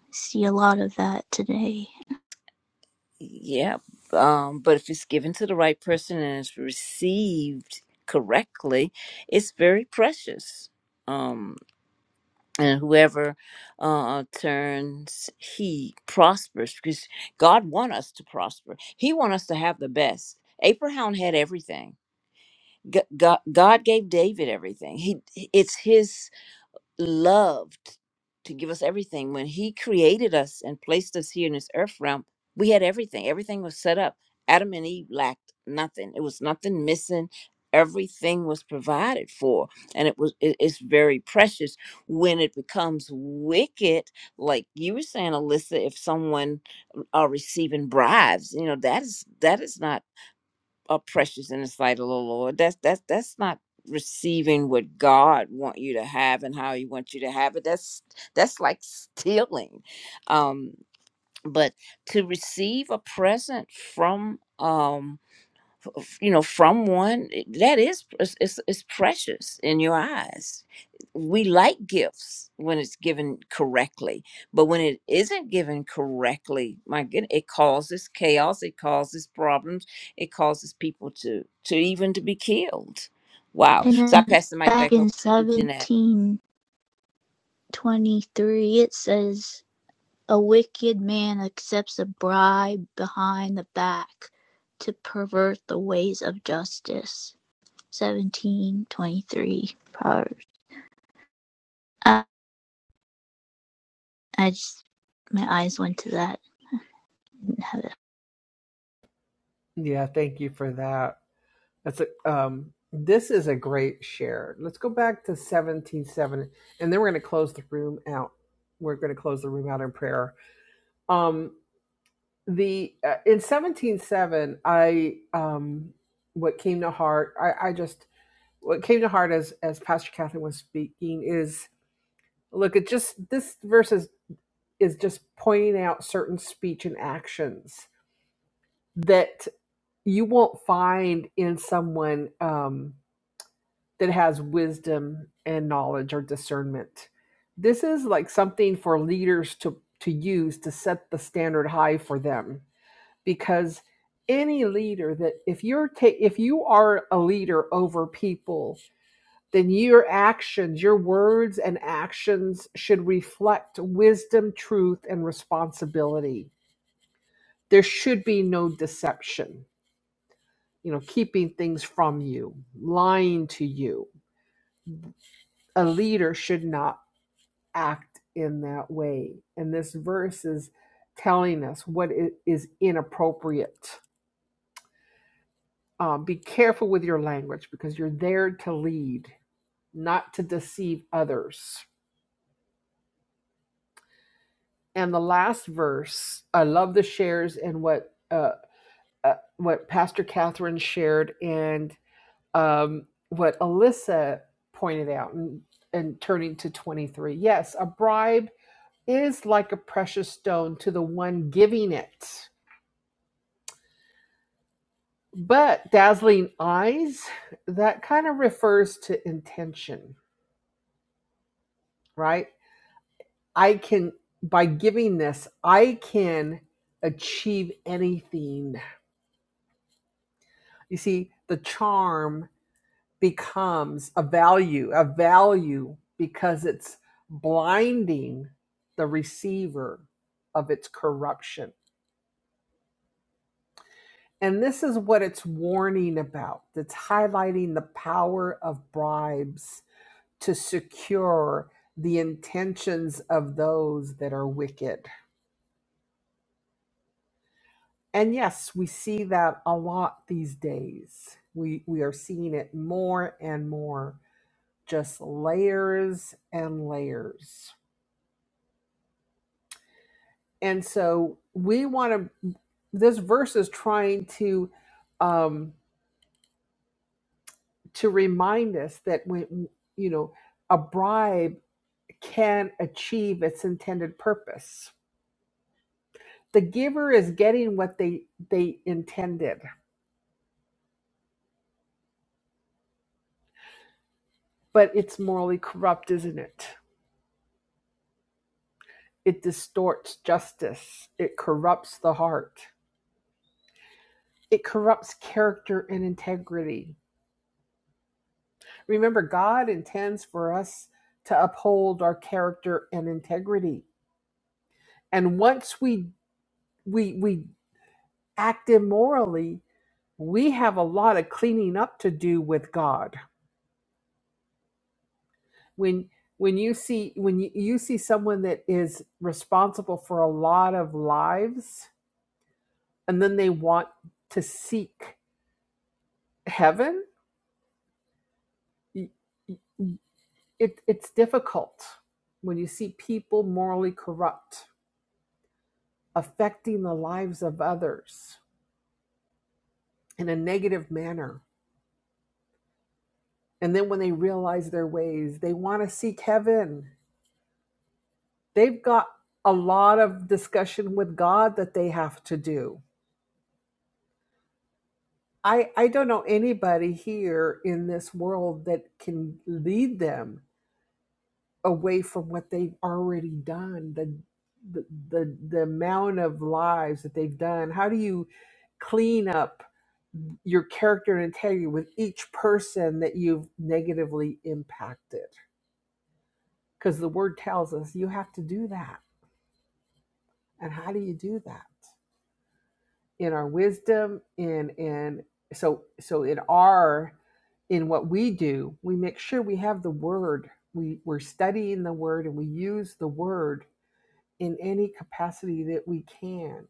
I see a lot of that today.
yeah. Um, but if it's given to the right person and it's received correctly, it's very precious. Um, and whoever uh, turns he prospers because god want us to prosper he want us to have the best abraham had everything G- god, god gave david everything he it's his loved to give us everything. When He created us and placed us here in this earth realm, we had everything. Everything was set up. Adam and Eve lacked nothing. It was nothing missing. Everything was provided for, and it was it- it's very precious. When it becomes wicked, like you were saying, Alyssa, if someone uh, are receiving bribes, you know that is that is not are precious in the sight of the Lord. That's that's that's not receiving what God want you to have and how He wants you to have it. That's that's like stealing. Um, but to receive a present from um you know from one that is it's, it's it's precious in your eyes we like gifts when it's given correctly but when it isn't given correctly my goodness it causes chaos it causes problems it causes people to to even to be killed wow
And
so i
then
pass the mic
back
back
in
over to jeanette
1723, it says, A wicked man accepts a bribe behind the back to pervert the ways of justice. 17 23. Proverbs. I, I just, my eyes went to that.
Yeah, thank you for that. That's a, um, this is a great share. Let's go back to seventeen seven, and then we're going to close the room out. We're going to close the room out in prayer. Um, the uh, in 177 i um what came to heart i i just what came to heart as as pastor catherine was speaking is look it just this verse is is just pointing out certain speech and actions that you won't find in someone um that has wisdom and knowledge or discernment this is like something for leaders to to use to set the standard high for them because any leader that if you're ta- if you are a leader over people then your actions your words and actions should reflect wisdom truth and responsibility there should be no deception you know keeping things from you lying to you a leader should not act in that way and this verse is telling us what is inappropriate Um, be careful with your language because you're there to lead, not to deceive others. And the last verse, I love the shares and what uh, uh, what Pastor Catherine shared and um, what Alyssa pointed out, and, and turning to twenty three. Yes, a bribe is like a precious stone to the one giving it, but dazzling eyes that kind of refers to intention, right? I can, by giving this, I can achieve anything. You see, the charm becomes a value, a value because it's blinding the receiver of its corruption. And this is what it's warning about. It's highlighting the power of bribes to secure the intentions of those that are wicked And yes, we see that a lot these days. We we are seeing it more and more, just layers and layers. And so we want to this verse is trying to um to remind us that when you know a bribe can achieve its intended purpose. The giver is getting what they they intended, but it's morally corrupt, isn't it? It distorts justice. It corrupts the heart. It corrupts character and integrity. Remember, God intends for us to uphold our character and integrity. And once we we we act immorally, we have a lot of cleaning up to do with God. When when you see when you, you see someone that is responsible for a lot of lives and then they want to seek heaven, it, it's difficult when you see people morally corrupt affecting the lives of others in a negative manner and then when they realize their ways they want to seek heaven they've got a lot of discussion with god that they have to do i i don't know anybody here in this world that can lead them away from what they've already done the the the, the amount of lives that they've done how do you clean up your character and integrity with each person that you've negatively impacted because the word tells us you have to do that and how do you do that in our wisdom in in so so in our in what we do we make sure we have the word we we're studying the word and we use the word in any capacity that we can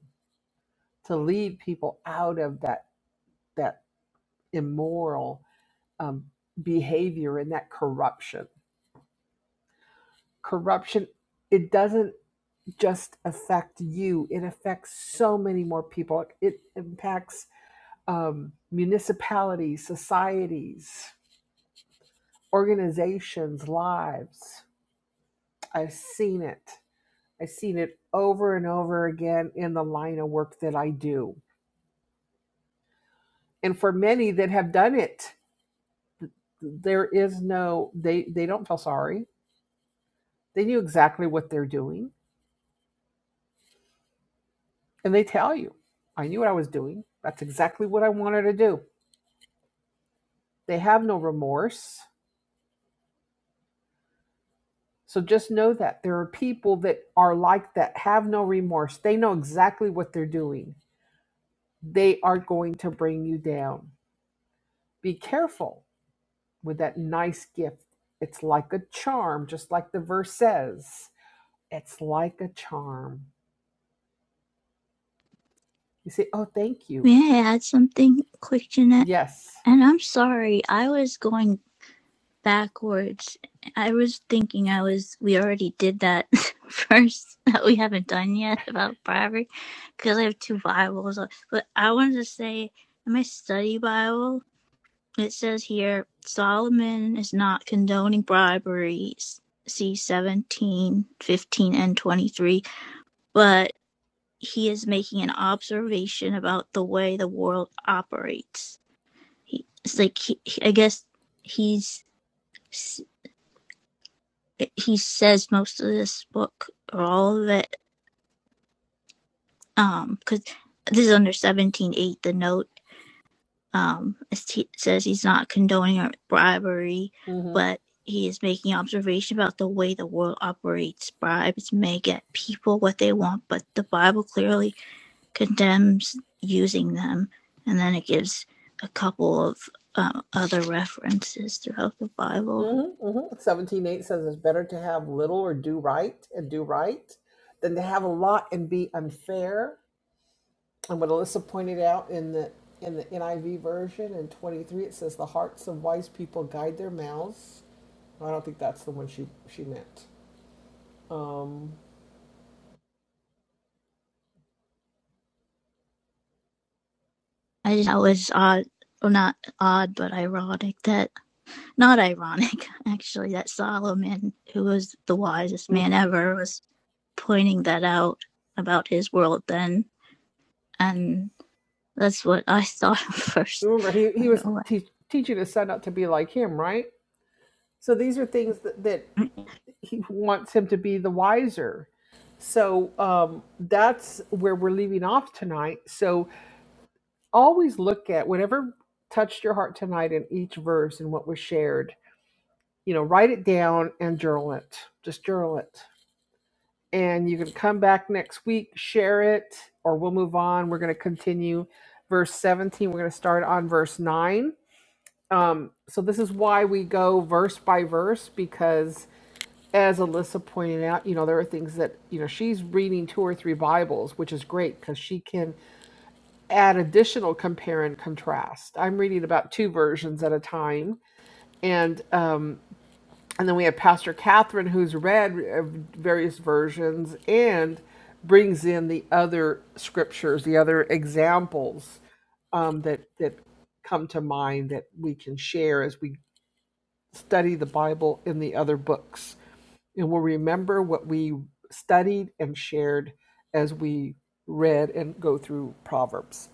to lead people out of that that immoral um, behavior and that corruption corruption it doesn't just affect you it affects so many more people it impacts um, municipalities societies organizations lives i've seen it i've seen it over and over again in the line of work that i do and for many that have done it there is no they they don't feel sorry they knew exactly what they're doing and they tell you i knew what i was doing that's exactly what i wanted to do they have no remorse so just know that there are people that are like that have no remorse they know exactly what they're doing they are going to bring you down be careful with that nice gift it's like a charm just like the verse says it's like a charm you say oh thank you
May I add something quick, Jeanette?
yes
And I'm sorry, I was going backwards. I was thinking I was, we already did that first that we haven't done yet about bribery because I have two Bibles. But I wanted to say, in my study Bible, It says here Solomon is not condoning bribery, s- see 17, fifteen, and 23, but he is making an observation about the way the world operates. He, it's like, he, I guess he's, he says most of this book, or all of it, um, cause this is under seventeen-eight. the note um, as he says he's not condoning bribery,
Mm-hmm.
but he is making observation about the way the world operates. Bribes may get people what they want, but the Bible clearly condemns using them. And then it gives a couple of um, other references throughout the Bible.
Mm-hmm, mm-hmm. 17.8 says it's better to have little or do right and do right than to have a lot and be unfair. And what Alyssa pointed out in the in the NIV version in 23, it says the hearts of wise people guide their mouths. I don't think that's the one she she meant. Um,
I just that was odd, well, not odd, but ironic that Not ironic, actually, that Solomon, who was the wisest
mm.
man ever, was pointing that out about his world then. And that's what I thought first
remember, he, he
right
was
away.
te- teaching his son not to be like him, right? So these are things that, that he wants him to be the wiser. So um, that's where we're leaving off tonight. So always look at whatever touched your heart tonight in each verse and what was shared. You know, write it down and journal it. Just journal it. And you can come back next week, share it, or we'll move on. We're going to continue verse 17. We're going to start on verse 9. Um, so, this is why we go verse by verse because, as Alyssa pointed out, you know, there are things that, you know, she's reading two or three Bibles, which is great because she can add additional compare and contrast. I'm reading about two versions at a time, and um, and then we have Pastor Catherine who's read uh, various versions and brings in the other scriptures, the other examples um, that that come to mind that we can share as we study the Bible in the other books, and we'll remember what we studied and shared as we read and go through Proverbs.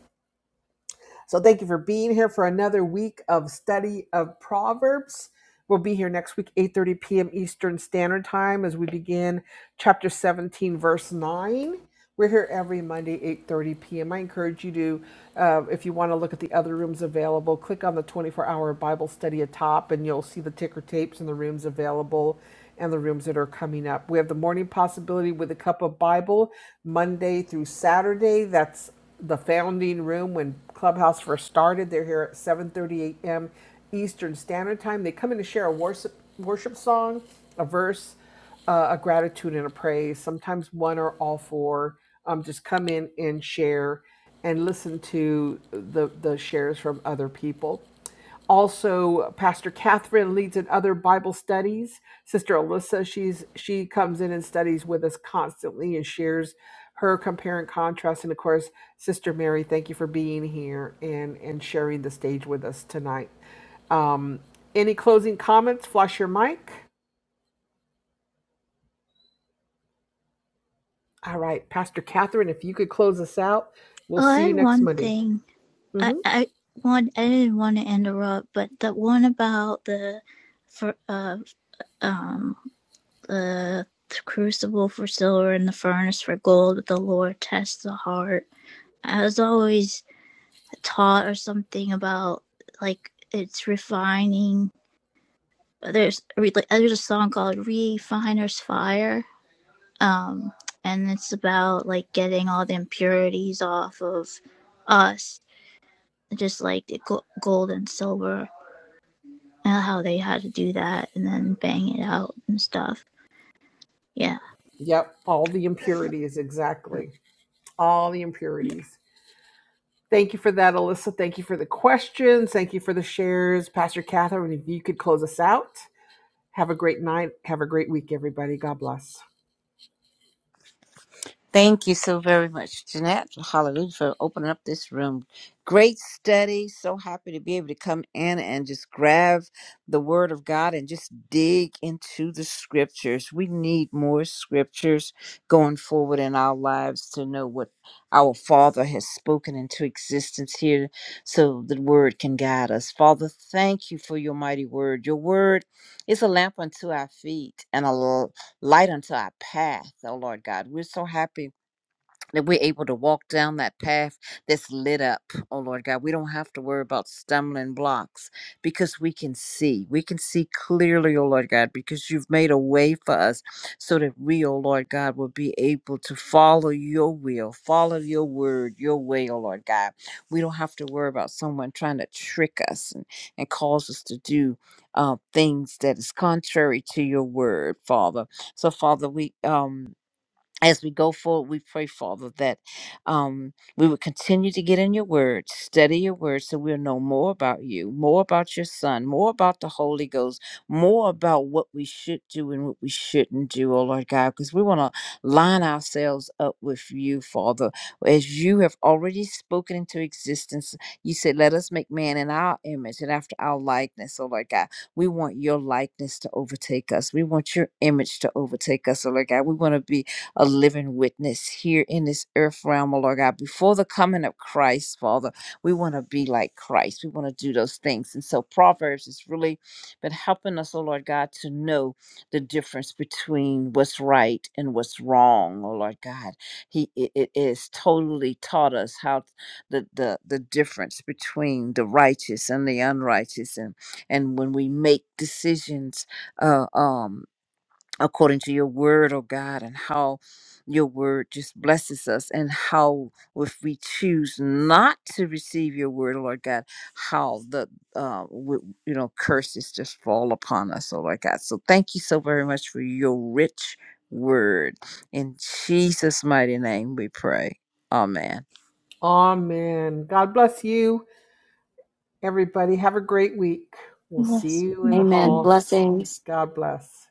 So thank you for being here for another week of study of Proverbs. We'll be here next week, 8:30 p.m. Eastern Standard Time, as we begin chapter 17, verse 9. We're here every Monday, 8:30 p.m. I encourage you to, uh, if you want to look at the other rooms available, click on the 24-hour Bible study atop, and you'll see the ticker tapes and the rooms available and the rooms that are coming up. We have the morning possibility with a cup of Bible Monday through Saturday. That's the founding room when Clubhouse first started. They're here at 7:30 a.m. Eastern Standard Time. They come in to share a worship worship song, a verse, uh, a gratitude, and a praise. Sometimes one or all four. Um, just come in and share and listen to the the shares from other people also pastor catherine leads in other bible studies sister alyssa she's she comes in and studies with us constantly and shares her compare and contrast and of course sister mary thank you for being here and and sharing the stage with us tonight um any closing comments flush your mic all right pastor catherine if you could close us out we'll
Oh, I
see you
had
next
one
monday
thing. I,
hmm
I want I didn't want to interrupt, but the one about the for uh um the crucible for silver and the furnace for gold, the Lord tests the heart. I was always taught or something about like it's refining. There's a there's a song called "Refiner's Fire," um, and it's about like getting all the impurities off of us, just like the gold and silver, and how they had to do that and then bang it out and stuff. Yeah.
yep all the impurities exactly all the impurities Thank you for that, Alyssa. Thank you for the questions. Thank you for the shares. Pastor Catherine, if you could close us out. Have a great night. Have a great week, everybody. God bless.
Thank you so very much, Jeanette. Hallelujah for opening up this room. Great study. So happy to be able to come in and just grab the word of God and just dig into the scriptures. We need more scriptures going forward in our lives to know what our Father has spoken into existence here so the word can guide us. Father, thank you for your mighty word. Your word is a lamp unto our feet and a light unto our path, oh Lord God. We're so happy that we're able to walk down that path that's lit up. Oh Lord God, we don't have to worry about stumbling blocks because we can see. We can see clearly, oh Lord God, because you've made a way for us so that we, oh Lord God, will be able to follow your will, follow your word, your way, oh Lord God. We don't have to worry about someone trying to trick us and, and cause us to do uh, things that is contrary to your word, Father. So, Father, we um as we go forward, we pray, Father, that um, we would continue to get in your word, study your word, so we'll know more about you, more about your son, more about the Holy Ghost, more about what we should do and what we shouldn't do, oh Lord God, because we want to line ourselves up with you, Father. As you have already spoken into existence, you said, Let us make man in our image and after our likeness, oh Lord God. We want your likeness to overtake us. We want your image to overtake us, oh Lord God. We want to be a living witness here in this earth realm, oh Lord God. Before the coming of Christ, Father, we want to be like Christ. We want to do those things. And so Proverbs has really been helping us, oh Lord God, to know the difference between what's right and what's wrong, oh Lord God. He it, it is totally taught us how the, the the difference between the righteous and the unrighteous and and when we make decisions uh um according to your word, oh God, and how your word just blesses us, and how if we choose not to receive your word, Lord God, how the uh, w- you know curses just fall upon us, oh Lord God. So thank you so very much for your rich word. In Jesus' mighty name, we pray. Amen.
Amen. God bless you, everybody. Have a great week. We'll see
Yes.
you in the
Yeah.
Amen.
halls.
Blessings.
God bless.